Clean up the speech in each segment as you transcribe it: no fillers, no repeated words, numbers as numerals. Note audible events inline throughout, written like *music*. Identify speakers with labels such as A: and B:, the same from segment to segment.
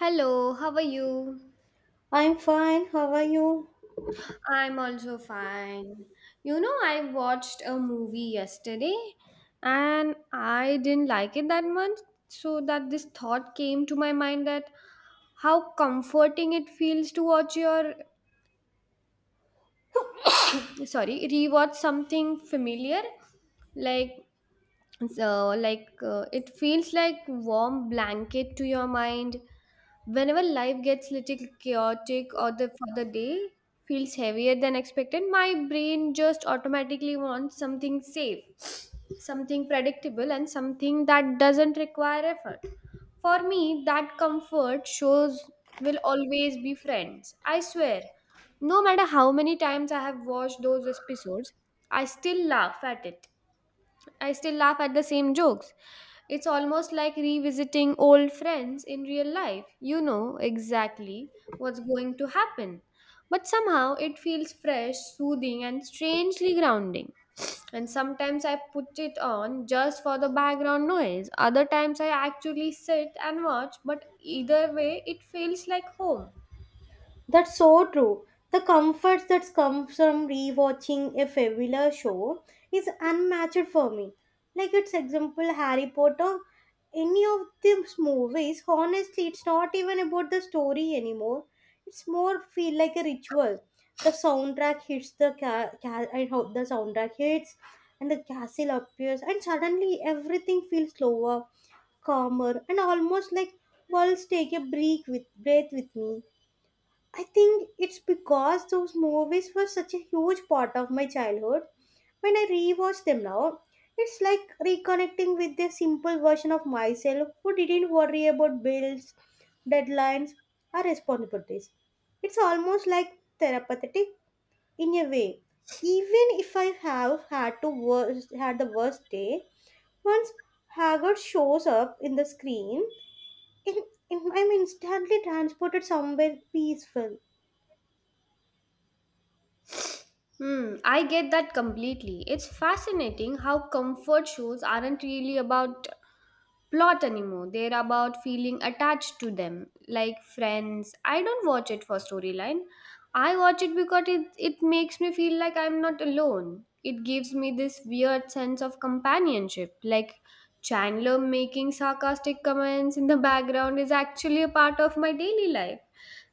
A: Hello, how are you?
B: I'm fine. How are you?
A: I'm also fine. You know, I watched a movie yesterday and I didn't like it that much. So, that this thought came to my mind that how comforting it feels to watch your sorry, rewatch something familiar. Like, it feels like warm blanket to your mind. Whenever life gets little chaotic or the for the day feels heavier than expected, my brain just automatically wants something safe, something predictable, and something that doesn't require effort. For me, that comfort shows will always be friends. I swear. No matter how many times I have watched those episodes, I still laugh at it. I still laugh at the same jokes. It's almost like revisiting old friends in real life. You know exactly what's going to happen. But somehow it feels fresh, soothing, and strangely grounding. And sometimes I put it on just for the background noise. Other times I actually sit and watch, but either way, it feels like home.
B: That's so true. The comfort that comes from rewatching a fabulous show is unmatched for me. Like its example, Harry Potter. Any of these movies, honestly, it's not even about the story anymore. It's more feel like a ritual. The soundtrack hits the I hope the soundtrack hits, and the castle appears, and suddenly everything feels slower calmer, and almost like worlds take a break with breath with me. I think it's because those movies were such a huge part of my childhood. When I rewatch them now, it's like reconnecting with the simple version of myself who didn't worry about bills, deadlines, or responsibilities. It's almost like therapeutic in a way. Even if I have had to had the worst day, once Haggard shows up in the screen, in, I'm instantly transported somewhere peaceful.
A: Hmm, I get that completely. It's fascinating how comfort shows aren't really about plot anymore. They're about feeling attached to them, like friends. I don't watch it for storyline. I watch it because it makes me feel like I'm not alone. It gives me this weird sense of companionship, like Chandler making sarcastic comments in the background is actually a part of my daily life.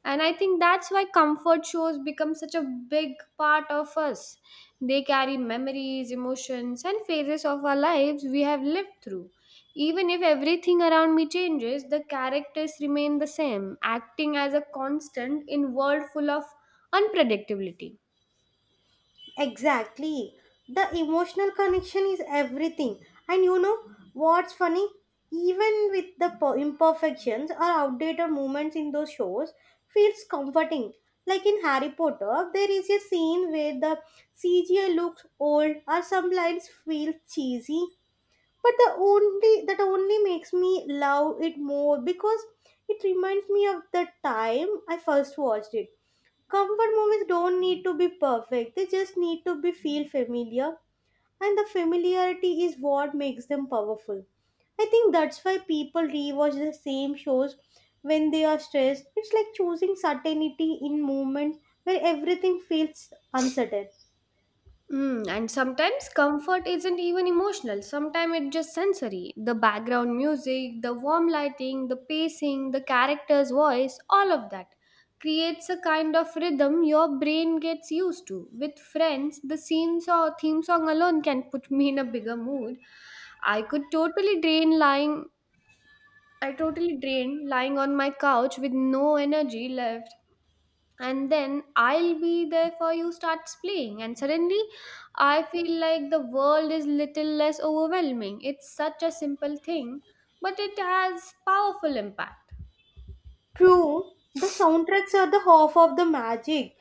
A: And I think that's why comfort shows become such a big part of us. They carry memories, emotions, and phases of our lives we have lived through. Even if everything around me changes, the characters remain the same, acting as a constant in world full of unpredictability.
B: Exactly. The emotional connection is everything. And you know what's funny? Even with the imperfections or outdated moments in those shows, feels comforting. Like in Harry Potter, there is a scene where the CGI looks old or some lines feel cheesy. But the only makes me love it more because it reminds me of the time I first watched it. Comfort movies don't need to be perfect, they just need to be feel familiar, and the familiarity is what makes them powerful. I think that's why people rewatch the same shows when they are stressed. It's like choosing certainty in moments where everything feels uncertain.
A: Mm, and sometimes comfort isn't even emotional. Sometimes it's just sensory. The background music, the warm lighting, the pacing, the character's voice, all of that creates a kind of rhythm your brain gets used to. With friends, the scenes or theme song alone can put me in a bigger mood. I could totally drain lying I totally drained lying on my couch with no energy left. And then I'll be there for you starts playing. And suddenly I feel like the world is little less overwhelming. It's such a simple thing, but it has powerful impact.
B: True, the soundtracks are the half of the magic.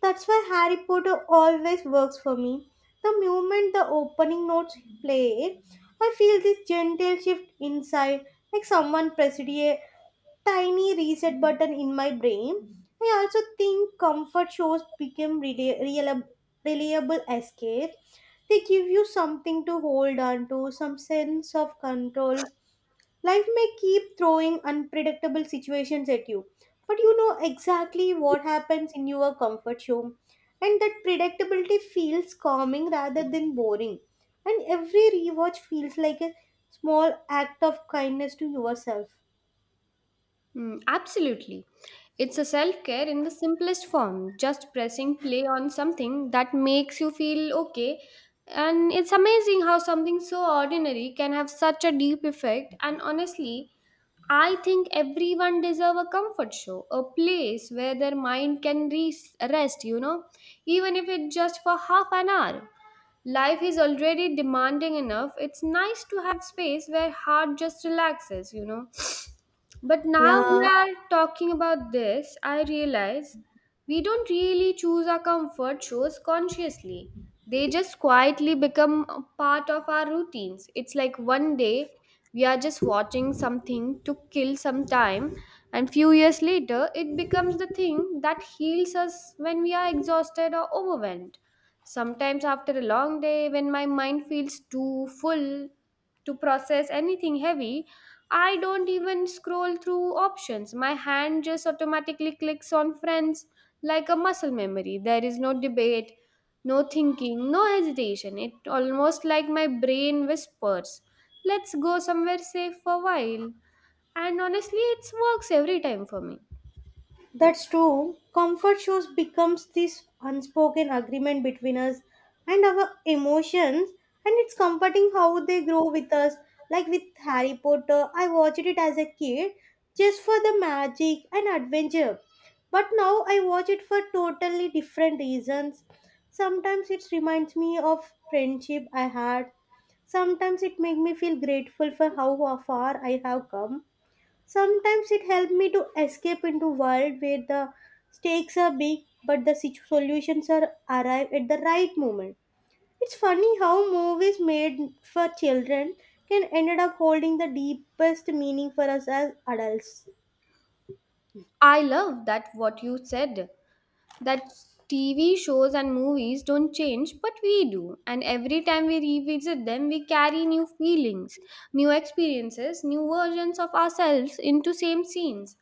B: That's why Harry Potter always works for me. The moment the opening notes play, I feel this gentle shift inside, like someone pressed a tiny reset button in my brain. I also think comfort shows became reliable escape. They give you something to hold on to, some sense of control. Life may keep throwing unpredictable situations at you, but you know exactly what happens in your comfort zone. And that predictability feels calming rather than boring. And every rewatch feels like a small act of kindness to yourself.
A: Mm, absolutely. It's a self care in the simplest form, just pressing play on something that makes you feel okay. And it's amazing how something so ordinary can have such a deep effect. And honestly, I think everyone deserve a comfort show, a place where their mind can rest, you know, even if it's just for half an hour. Life is already demanding enough. It's nice to have space where heart just relaxes, you know. But now we
B: Yeah.
A: are talking about this, I realize we don't really choose our comfort shows consciously. They just quietly become a part of our routines. It's like one day we are just watching something to kill some time, and few years later it becomes the thing that heals us when we are exhausted or overwhelmed. Sometimes after a long day, when my mind feels too full to process anything heavy, I don't even scroll through options. My hand just automatically clicks on friends like a muscle memory. There is no debate, no thinking, no hesitation. It almost like my brain whispers, "Let's go somewhere safe for a while." And honestly, it works every time for me.
B: That's true. Comfort shows becomes this unspoken agreement between us and our emotions, and it's comforting how they grow with us. Like with Harry Potter, I watched it as a kid just for the magic and adventure, but now I watch it for totally different reasons. Sometimes it reminds me of friendship I had. Sometimes it makes me feel grateful for how far I have come. Sometimes it helped me to escape into world where the stakes are big but the solutions are arrive at the right moment. It's funny how movies made for children can ended up holding the deepest meaning for us as adults.
A: I love that what you said that TV shows and movies don't change, but we do. And every time we revisit them, we carry new feelings, new experiences, new versions of ourselves into same scenes.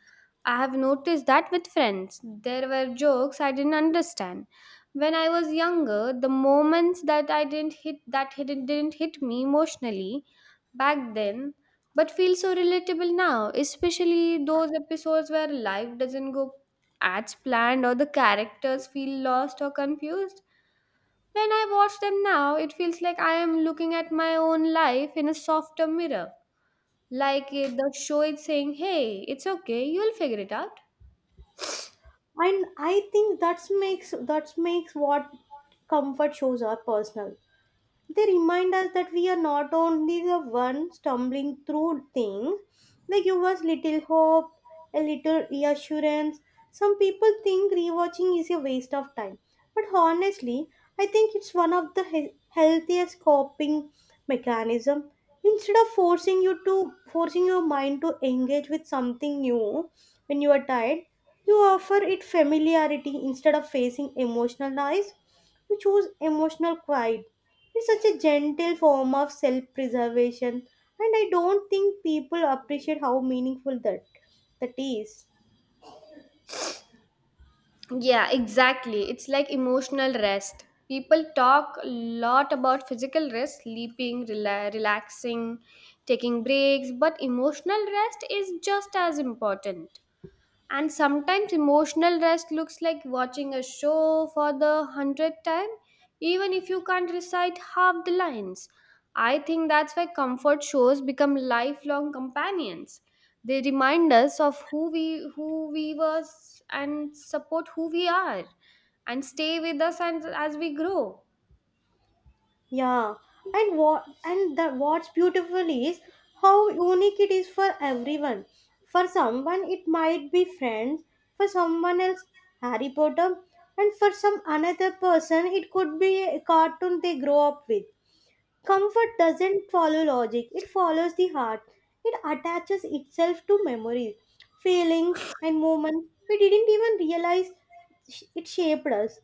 A: I have noticed that with friends. There were jokes I didn't understand. When I was younger, the moments that I didn't hit that hidden didn't hit me emotionally back then, but feel so relatable now, especially those episodes where life doesn't go ads planned or the characters feel lost or confused. When I watch them now, it feels like I am looking at my own life in a softer mirror. Like the show is saying, hey, it's okay, you'll figure it out.
B: And I think that makes what comfort shows are personal. They remind us that we are not only the one stumbling through things, they give us little hope, a little reassurance. Some people think rewatching is a waste of time, but honestly, I think it's one of the healthiest coping mechanism. Instead of forcing your mind to engage with something new when you are tired, you offer it familiarity instead of facing emotional noise. You choose emotional quiet. It's such a gentle form of self preservation, and I don't think people appreciate how meaningful that is.
A: Yeah, exactly. It's like emotional rest. People talk a lot about physical rest, sleeping, relaxing, taking breaks, but emotional rest is just as important. And sometimes emotional rest looks like watching a show for the hundredth time, even if you can't recite half the lines. I think that's why comfort shows become lifelong companions. They remind us of who we were and support who we are and stay with us and as we grow.
B: Yeah, and what and the what's beautiful is how unique it is for everyone. For someone, it might be friends. For someone else, Harry Potter, and for some another person, it could be a cartoon they grow up with. Comfort doesn't follow logic, it follows the heart. It attaches itself to memories, feelings, and moments we didn't even realize it shaped us.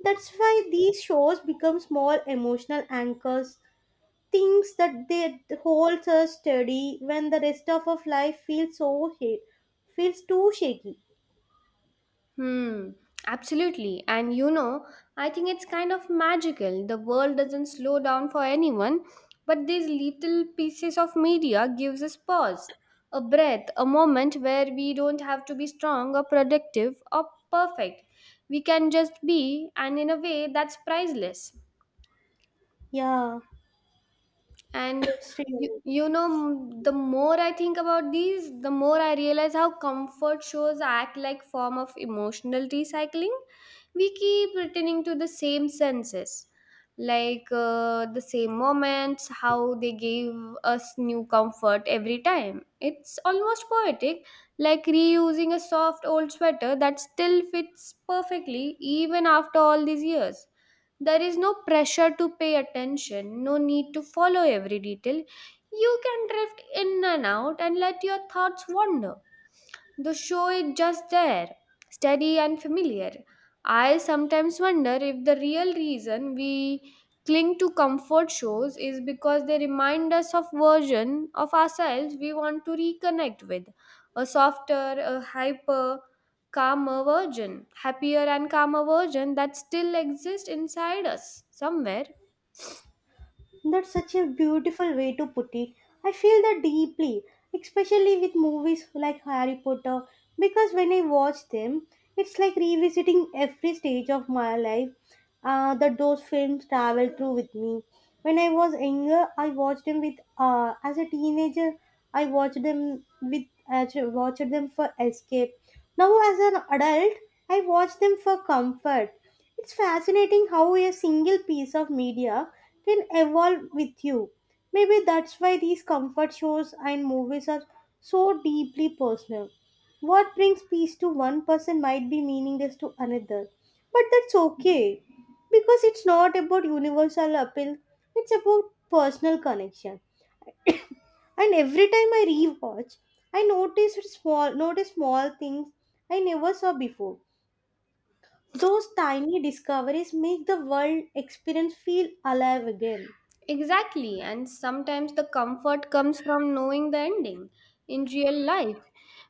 B: That's why these shows become small emotional anchors, things that they holds us steady when the rest of our life feels too shaky.
A: Hmm, absolutely. And you know, I think it's kind of magical. The world doesn't slow down for anyone, but these little pieces of media gives us pause, a breath, a moment where we don't have to be strong or productive or perfect. We can just be, and in a way that's priceless.
B: Yeah,
A: And
B: Sri.
A: you know, m- The more I think about these, the more I realize how comfort shows act like form of emotional recycling. We keep returning to the same senses, the same moments, how they gave us new comfort every time. It's almost poetic, like reusing a soft old sweater that still fits perfectly even after all these years. There is no pressure to pay attention, no need to follow every detail. You can drift in and out and let your thoughts wander. The show is just there, steady and familiar. I sometimes wonder if the real reason we cling to comfort shows is because they remind us of version of ourselves we want to reconnect with. A softer, a hyper, calmer version, happier and calmer version that still exists inside us somewhere.
B: That's such a beautiful way to put it. I feel that deeply, especially with movies like Harry Potter, because when I watch them, it's like revisiting every stage of my life that those films travel through with me. When I was younger, I watched them with, as a teenager, I watched them for escape. Now, as an adult, I watch them for comfort. It's fascinating how a single piece of media can evolve with you. Maybe that's why these comfort shows and movies are so deeply personal. What brings peace to one person might be meaningless to another. But that's okay because it's not about universal appeal, it's about personal connection. And every time I rewatch, I notice small things I never saw before. Those tiny discoveries make the world experience feel alive again.
A: Exactly, and sometimes the comfort comes from knowing the ending. In real life,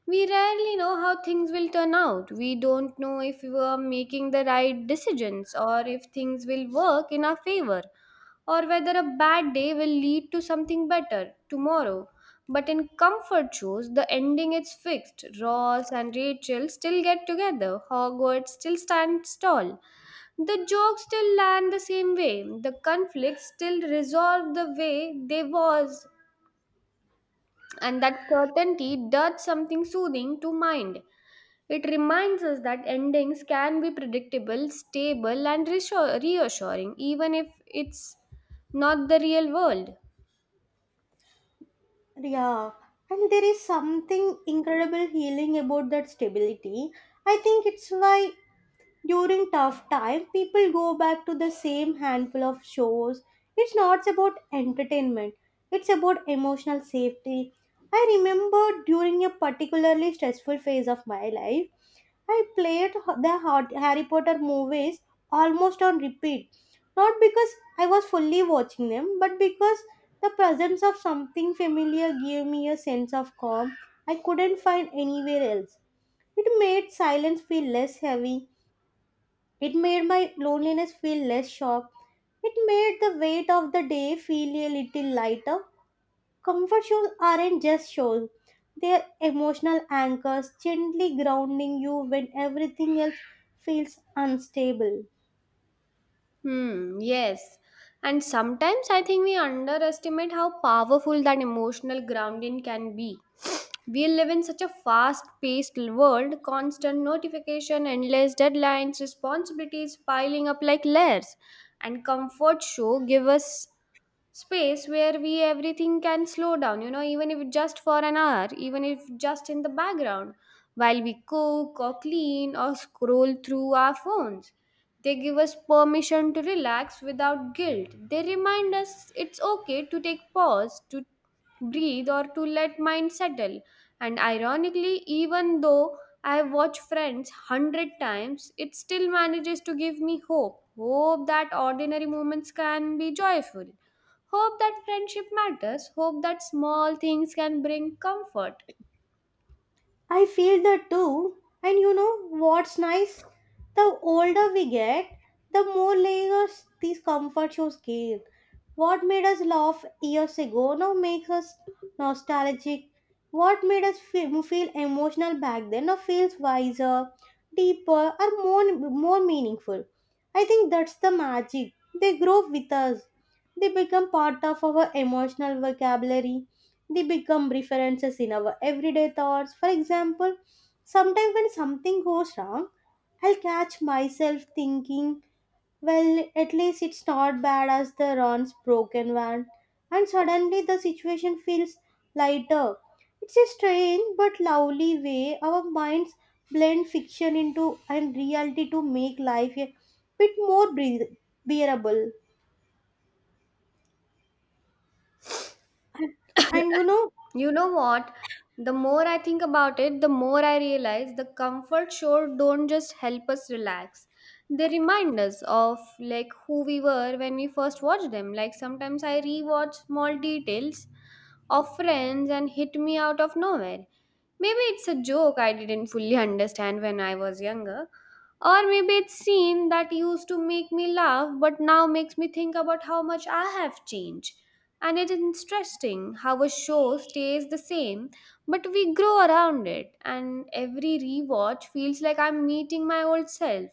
A: we rarely know how things will turn out. We don't know if we are making the right decisions or if things will work in our favor or whether a bad day will lead to something better tomorrow. But in comfort shows, the ending is fixed. Ross and Rachel still get together. Hogwarts still stands tall. The jokes still land the same way. The conflicts still resolve the way they was. And that certainty does something soothing to mind. It reminds us that endings can be predictable, stable, and reassuring, even if it's not the real world.
B: Yeah, and there is something incredible healing about that stability. I think it's why during tough time people go back to the same handful of shows. It's not about entertainment, it's about emotional safety. I remember during a particularly stressful phase of my life, I played the Harry Potter movies almost on repeat, not because I was fully watching them, but because the presence of something familiar gave me a sense of calm I couldn't find anywhere else. It made silence feel less heavy, it made my loneliness feel less sharp, it made the weight of the day feel a little lighter. Comfort shoes aren't just shoes, they're emotional anchors, gently grounding you when everything else feels unstable.
A: Hmm, yes. And sometimes I think we underestimate how powerful that emotional grounding can be. We live in such a fast paced world, constant notification, endless deadlines, responsibilities piling up like layers. And comfort show give us space where we everything can slow down, you know, even if just for an hour, even if just in the background while we cook or clean or scroll through our phones. They give us permission to relax without guilt. They remind us it's okay to take pause to breathe or to let mind settle. And ironically, even though I have watched friends 100 times, it still manages to give me hope that ordinary moments can be joyful. Hope that friendship matters. Hope that small things can bring comfort.
B: I feel that too. And you know what's nice? The older we get, the more layers these comfort shows gain. What made us laugh years ago now makes us nostalgic. What made us feel emotional back then now feels wiser, deeper, or more meaningful. I think that's the magic. They grow with us, they become part of our emotional vocabulary. They become references in our everyday thoughts. For example, sometimes when something goes wrong, I'll catch myself thinking, well, at least it's not bad as the Ron's broken one. And suddenly the situation feels lighter. It's a strange but lovely way our minds blend fiction into and reality to make life a bit more bearable. And you know,
A: You know what? The more I think about it, the more I realize the comfort sure don't just help us relax. They remind us of like who we were when we first watched them. Like sometimes I rewatch small details of friends and hit me out of nowhere. Maybe it's a joke I didn't fully *laughs* understand when I was younger. Or maybe it's scene that used to make me laugh but now makes me think about how much I have changed. And it is interesting how a show stays the same, but we grow around it, and every rewatch feels like I'm meeting my old self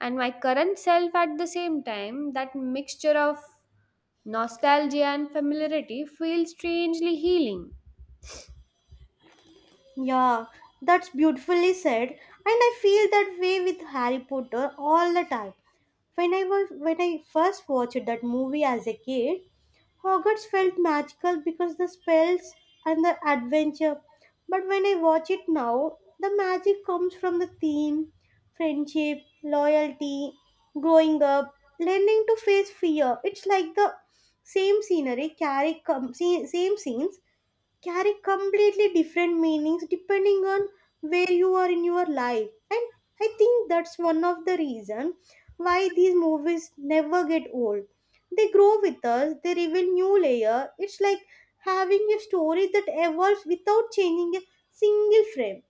A: and my current self at the same time. That mixture of nostalgia and familiarity feels strangely healing.
B: yeah, that's beautifully said. And I feel that way with Harry Potter all the time. When I first watched that movie as a kid, Hogwarts felt magical because the spells and the adventure. But when I watch it now, the magic comes from the theme, friendship, loyalty, growing up, learning to face fear. It's like the same scenes carry completely different meanings depending on where you are in your life. And I think that's one of the reason why these movies never get old. They grow with us, they reveal new layer. It's like having a story that evolves without changing a single frame.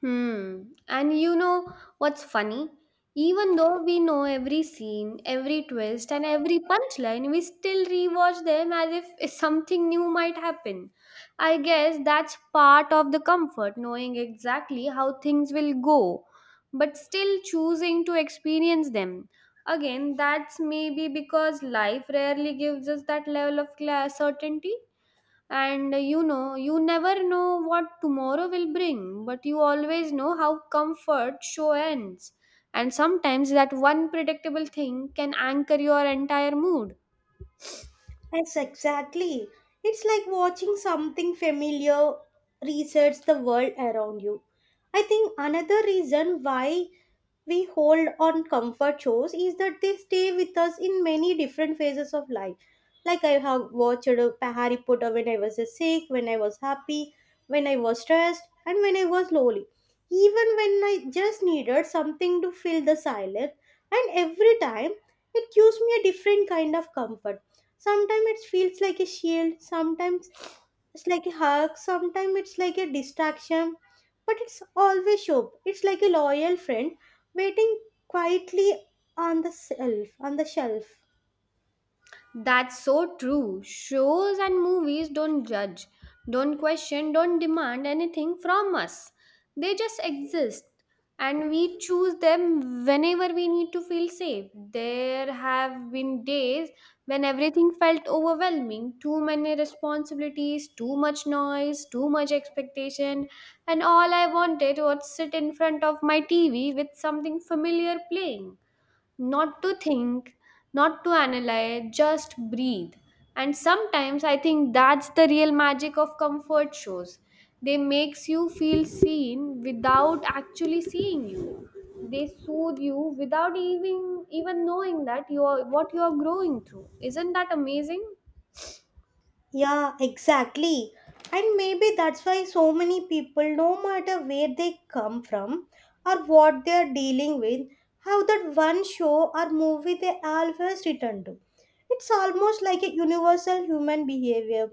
A: Hmm. And you know what's funny? Even though we know every scene, every twist, and every punchline, we still rewatch them as if *laughs* something new might happen. I guess that's part of the comfort, knowing exactly how things will go, but still choosing to experience them. Again, that's maybe because life rarely gives us that level of certainty. And you know, you never know what tomorrow will bring, but you always know how comfort show ends. And sometimes that one predictable thing can anchor your entire mood.
B: Yes exactly. It's like watching something familiar resets the world around you. I think another reason why we hold on comfort shows is that they stay with us in many different phases of life. Like I have watched Harry Potter when I was sick, when I was happy, when I was stressed, and when I was lonely. Even when I just needed something to fill the silence, and every time it gives me a different kind of comfort. Sometimes it feels like a shield, sometimes it's like a hug. Sometimes it's like a distraction, but it's always Shop. It's like a loyal friend waiting quietly On the shelf.
A: That's so true. Shows and movies don't judge, don't question, don't demand anything from us. They just exist and we choose them whenever we need to feel safe. There have been days when everything felt overwhelming, too many responsibilities, too much noise, too much expectation, and all I wanted was sit in front of my TV with something familiar playing, not to think, not to analyze, just breathe. And sometimes I think that's the real magic of comfort shows. They makes you feel seen without actually seeing you. They soothe you without even knowing that you are what you are growing through. Isn't that amazing?
B: Yeah, exactly. And maybe that's why so many people, no matter where they come from or what they are dealing with, have that one show or movie they always return to. It's almost like a universal human behavior.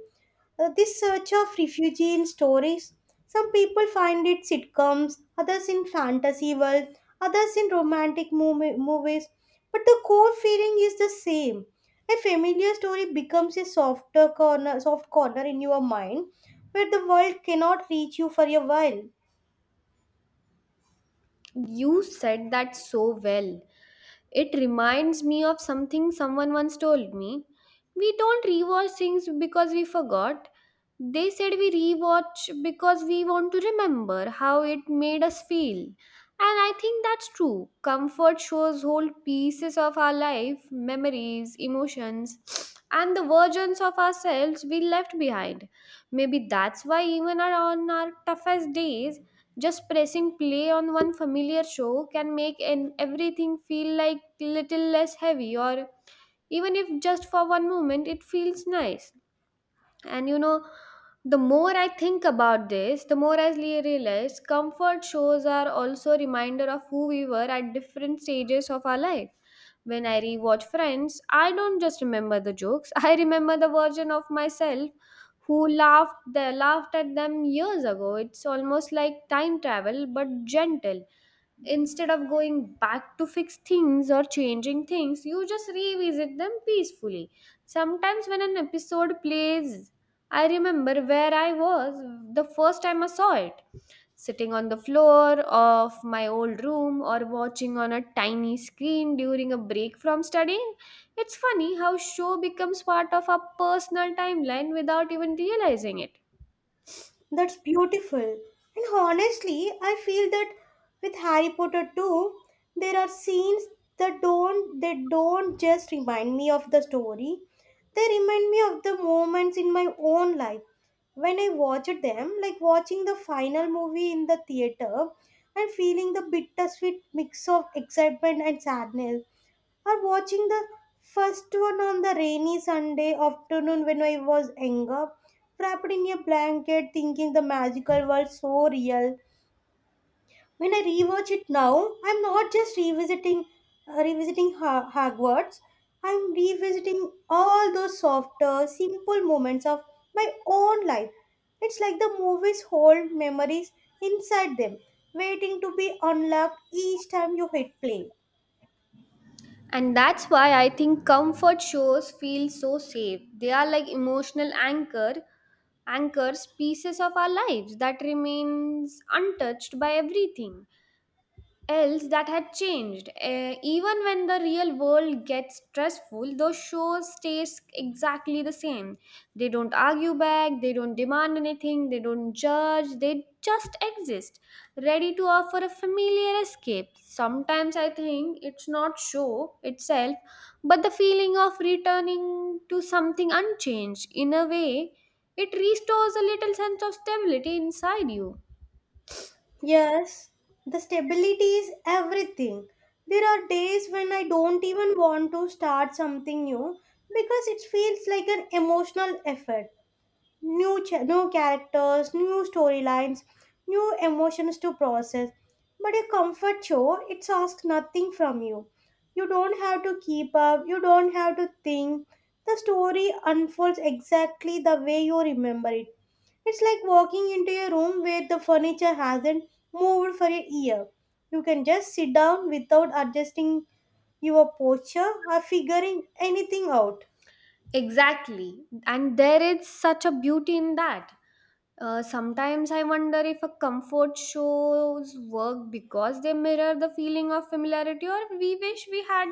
B: This search of refuge in stories. Some people find it sitcoms, others in fantasy world, others in movies. But the core feeling is the same, a familiar story becomes a soft corner in your mind where the world cannot reach you for a while.
A: You said that so well. It reminds me of something someone once told me. We don't rewatch things because we forgot. They said we rewatch because we want to remember how it made us feel. And I think that's true. Comfort shows whole pieces of our life, memories, emotions, and the versions of ourselves we left behind. Maybe that's why, even on our toughest days, just pressing play on one familiar show can make an everything feel like little less heavy or even if just for one moment it feels nice. And you know, the more I think about this, the more realize comfort shows are also a reminder of who we were at different stages of our life. When I rewatch Friends, I don't just remember the jokes, *laughs* I remember the version of myself who laughed at them years ago. It's almost like time travel but gentle. Instead of going back to fix things or changing things, you just revisit them peacefully. Sometimes when an episode plays, I remember where I was the first time I saw it sitting on the floor of my old room or watching on a tiny screen during a break from studying. It's funny how show becomes part of our personal timeline without even realizing it.
B: That's beautiful. And honestly, I feel that with Harry Potter too, there are scenes that don't they don't just remind me of the story. They remind me of the moments in my own life when I watched them, like watching the final movie in the theater and feeling the bittersweet mix of excitement and sadness, or watching the first one on the rainy Sunday afternoon when I was younger, wrapped in a blanket, thinking the magical world so real. When I rewatch it now, I'm not just revisiting, Hogwarts. I'm revisiting all those softer, simple moments of my own life. It's like the movies hold memories inside them, waiting to be unlocked each time you hit play.
A: And that's why I think comfort shows feel so safe. They are like emotional anchors pieces of our lives that remains untouched by everything else that had changed. Even when the real world gets stressful, those shows stays exactly the same. They don't argue back, they don't demand anything, they don't judge, they just exist, ready to offer a familiar escape. Sometimes I think it's not show itself, but the feeling of returning to something unchanged. In a way, it restores a little sense of stability inside you.
B: Yes, the stability is everything. There are days when I don't even want to start something new because it feels like an emotional effort, new characters, new storylines, new emotions to process. But a comfort show, it asks nothing from you. You don't have to keep up, you don't have to think. The story unfolds exactly the way you remember it. It's like walking into a room where the furniture hasn't moved for a year. You can just sit down without adjusting your posture or figuring anything out.
A: Exactly. And there is such a beauty in that. Sometimes I wonder if a comfort shows work because they mirror the feeling of familiarity or we wish we had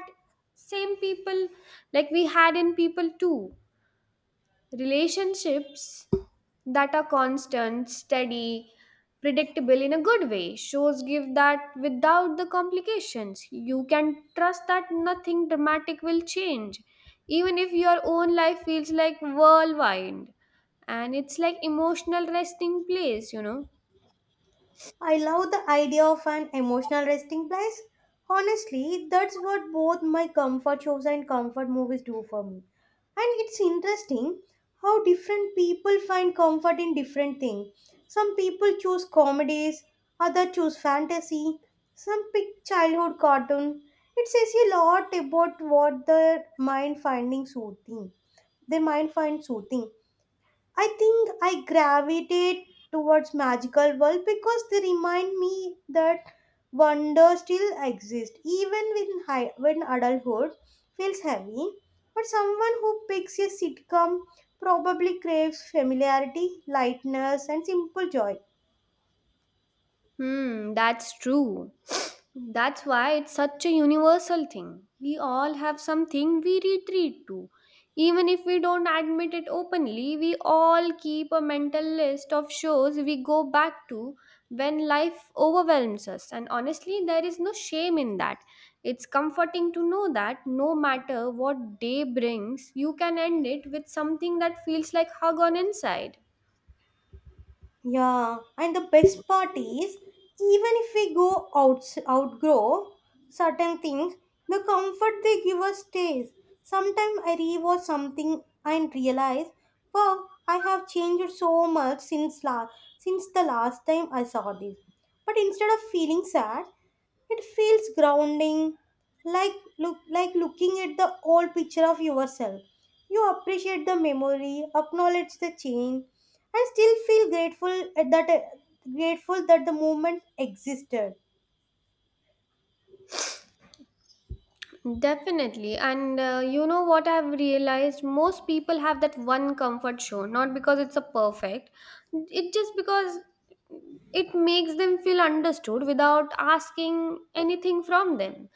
A: same people like we had in people too, relationships that are constant, steady, predictable in a good way. Shows give that without the complications. You can trust that nothing dramatic will change even if your own life feels like whirlwind, and it's like emotional resting place, you know.
B: I love the idea of an emotional resting place. Honestly, that's what both my comfort shows and comfort movies do for me. And it's interesting how different people find comfort in different things. Some people choose comedies, others choose fantasy, some pick childhood cartoon. It says a lot about what their mind finding soothing. Their mind finds soothing. I think I gravitate towards magical world because they remind me that wonder still exists when adulthood feels heavy. But someone who picks a sitcom probably craves familiarity, lightness, and simple joy.
A: Hmm, that's true. *sniffs* That's why it's such a universal thing. We all have something we retreat to. Even if we don't admit it openly, we all keep a mental list of shows we go back to when life overwhelms us. And honestly, there is no shame in that. It's comforting to know that no matter what day brings, you can end it with something that feels like hug on inside.
B: Yeah, and the best part is, even if we outgrow certain things, the comfort they give us stays. Sometimes I rewatch something and realize, wow, I have changed so much since the last time I saw this. But instead of feeling sad, it feels grounding, like looking at the old picture of yourself. You appreciate the memory, acknowledge the change, and still feel grateful at that grateful that the moment existed.
A: Definitely. And you know what I've realized? Most people have that one comfort show, not because it's a perfect, it just because it makes them feel understood without asking anything from them.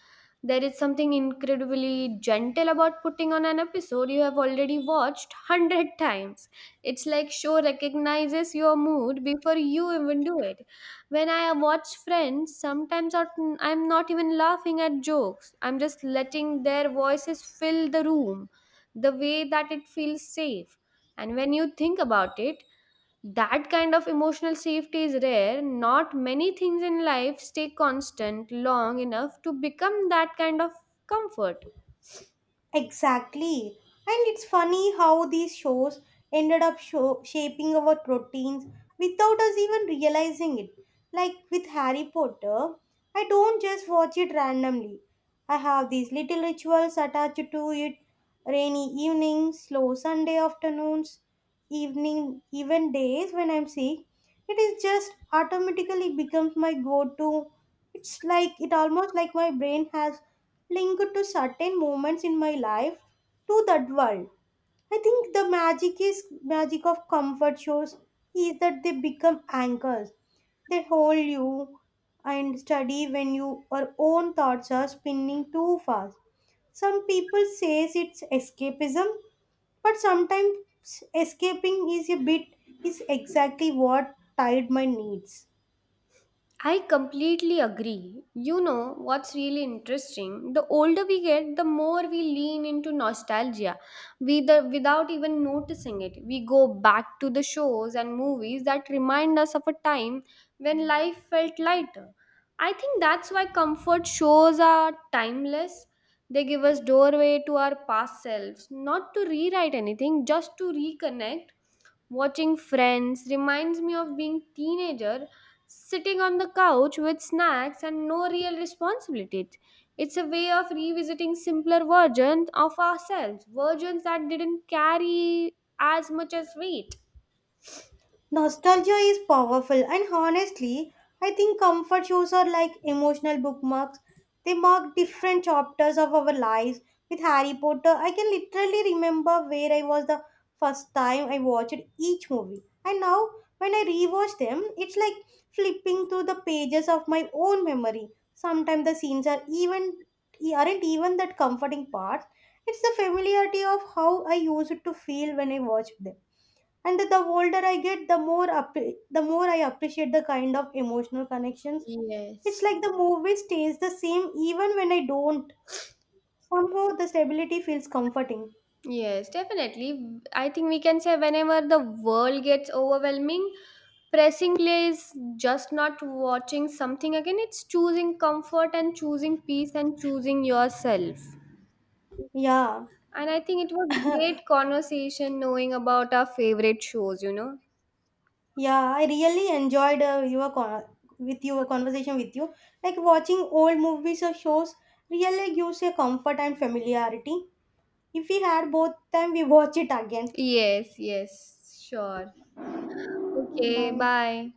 A: There is something incredibly gentle about putting on an episode you have already watched *laughs* 100 times. It's like show recognizes your mood before you even do it. When I watch Friends, I'm not even laughing at jokes. I'm just letting their voices fill the room the way that it feels safe. And when you think about it, that kind of emotional safety is rare. Not many things in life stay constant long enough to become that kind of comfort.
B: Exactly. And it's funny how these shows shaping our routines without us even realizing it. Like with Harry Potter, I don't just watch it randomly. I have these little rituals attached to it, rainy evenings, slow Sunday afternoons, evening, even days when I'm sick. It is just automatically becomes my go to. It's like it almost like my brain has linked to certain moments in my life to that world. I think the magic is magic of comfort shows is that they become anchors. They hold you and steady when your own thoughts are spinning too fast. Some people says it's escapism, but sometimes escaping is a bit is exactly what tied my needs.
A: I completely agree. You know what's really interesting? The older we get, the more we lean into nostalgia. Without even noticing it, we go back to the shows and movies that remind us of a time when life felt lighter. I think that's why comfort shows are timeless. They give us doorway to our past selves, not to rewrite anything, just to reconnect. Watching Friends reminds me of being teenager sitting on the couch with snacks and no real responsibilities. It's a way of revisiting simpler versions of ourselves, versions that didn't carry as much as weight.
B: Nostalgia is powerful, and honestly, I think comfort shows are like emotional bookmarks. They mark different chapters of our lives. With Harry Potter, I can literally remember where I was the first time I watched each movie. And now, when I rewatch them, it's like flipping through the pages of my own memory. Sometimes the scenes are even aren't even that comforting parts. It's the familiarity of how I used to feel when I watched them. And the older I get, the more I appreciate the kind of emotional connections. It's
A: Yes.
B: like the movie stays the same even when I don't, somehow the stability feels comforting.
A: Yes, definitely. I think we can say whenever the world gets overwhelming, pressing play is just not watching something again, it's choosing comfort and choosing peace and choosing yourself.
B: Yeah.
A: And I think it was great conversation knowing about our favorite shows, you know?
B: Yeah, I really enjoyed with your conversation with you. Like watching old movies or shows really gives a comfort and familiarity. If we had both time we watch it again.
A: Yes, yes, sure. Okay,
B: Bye.
A: bye.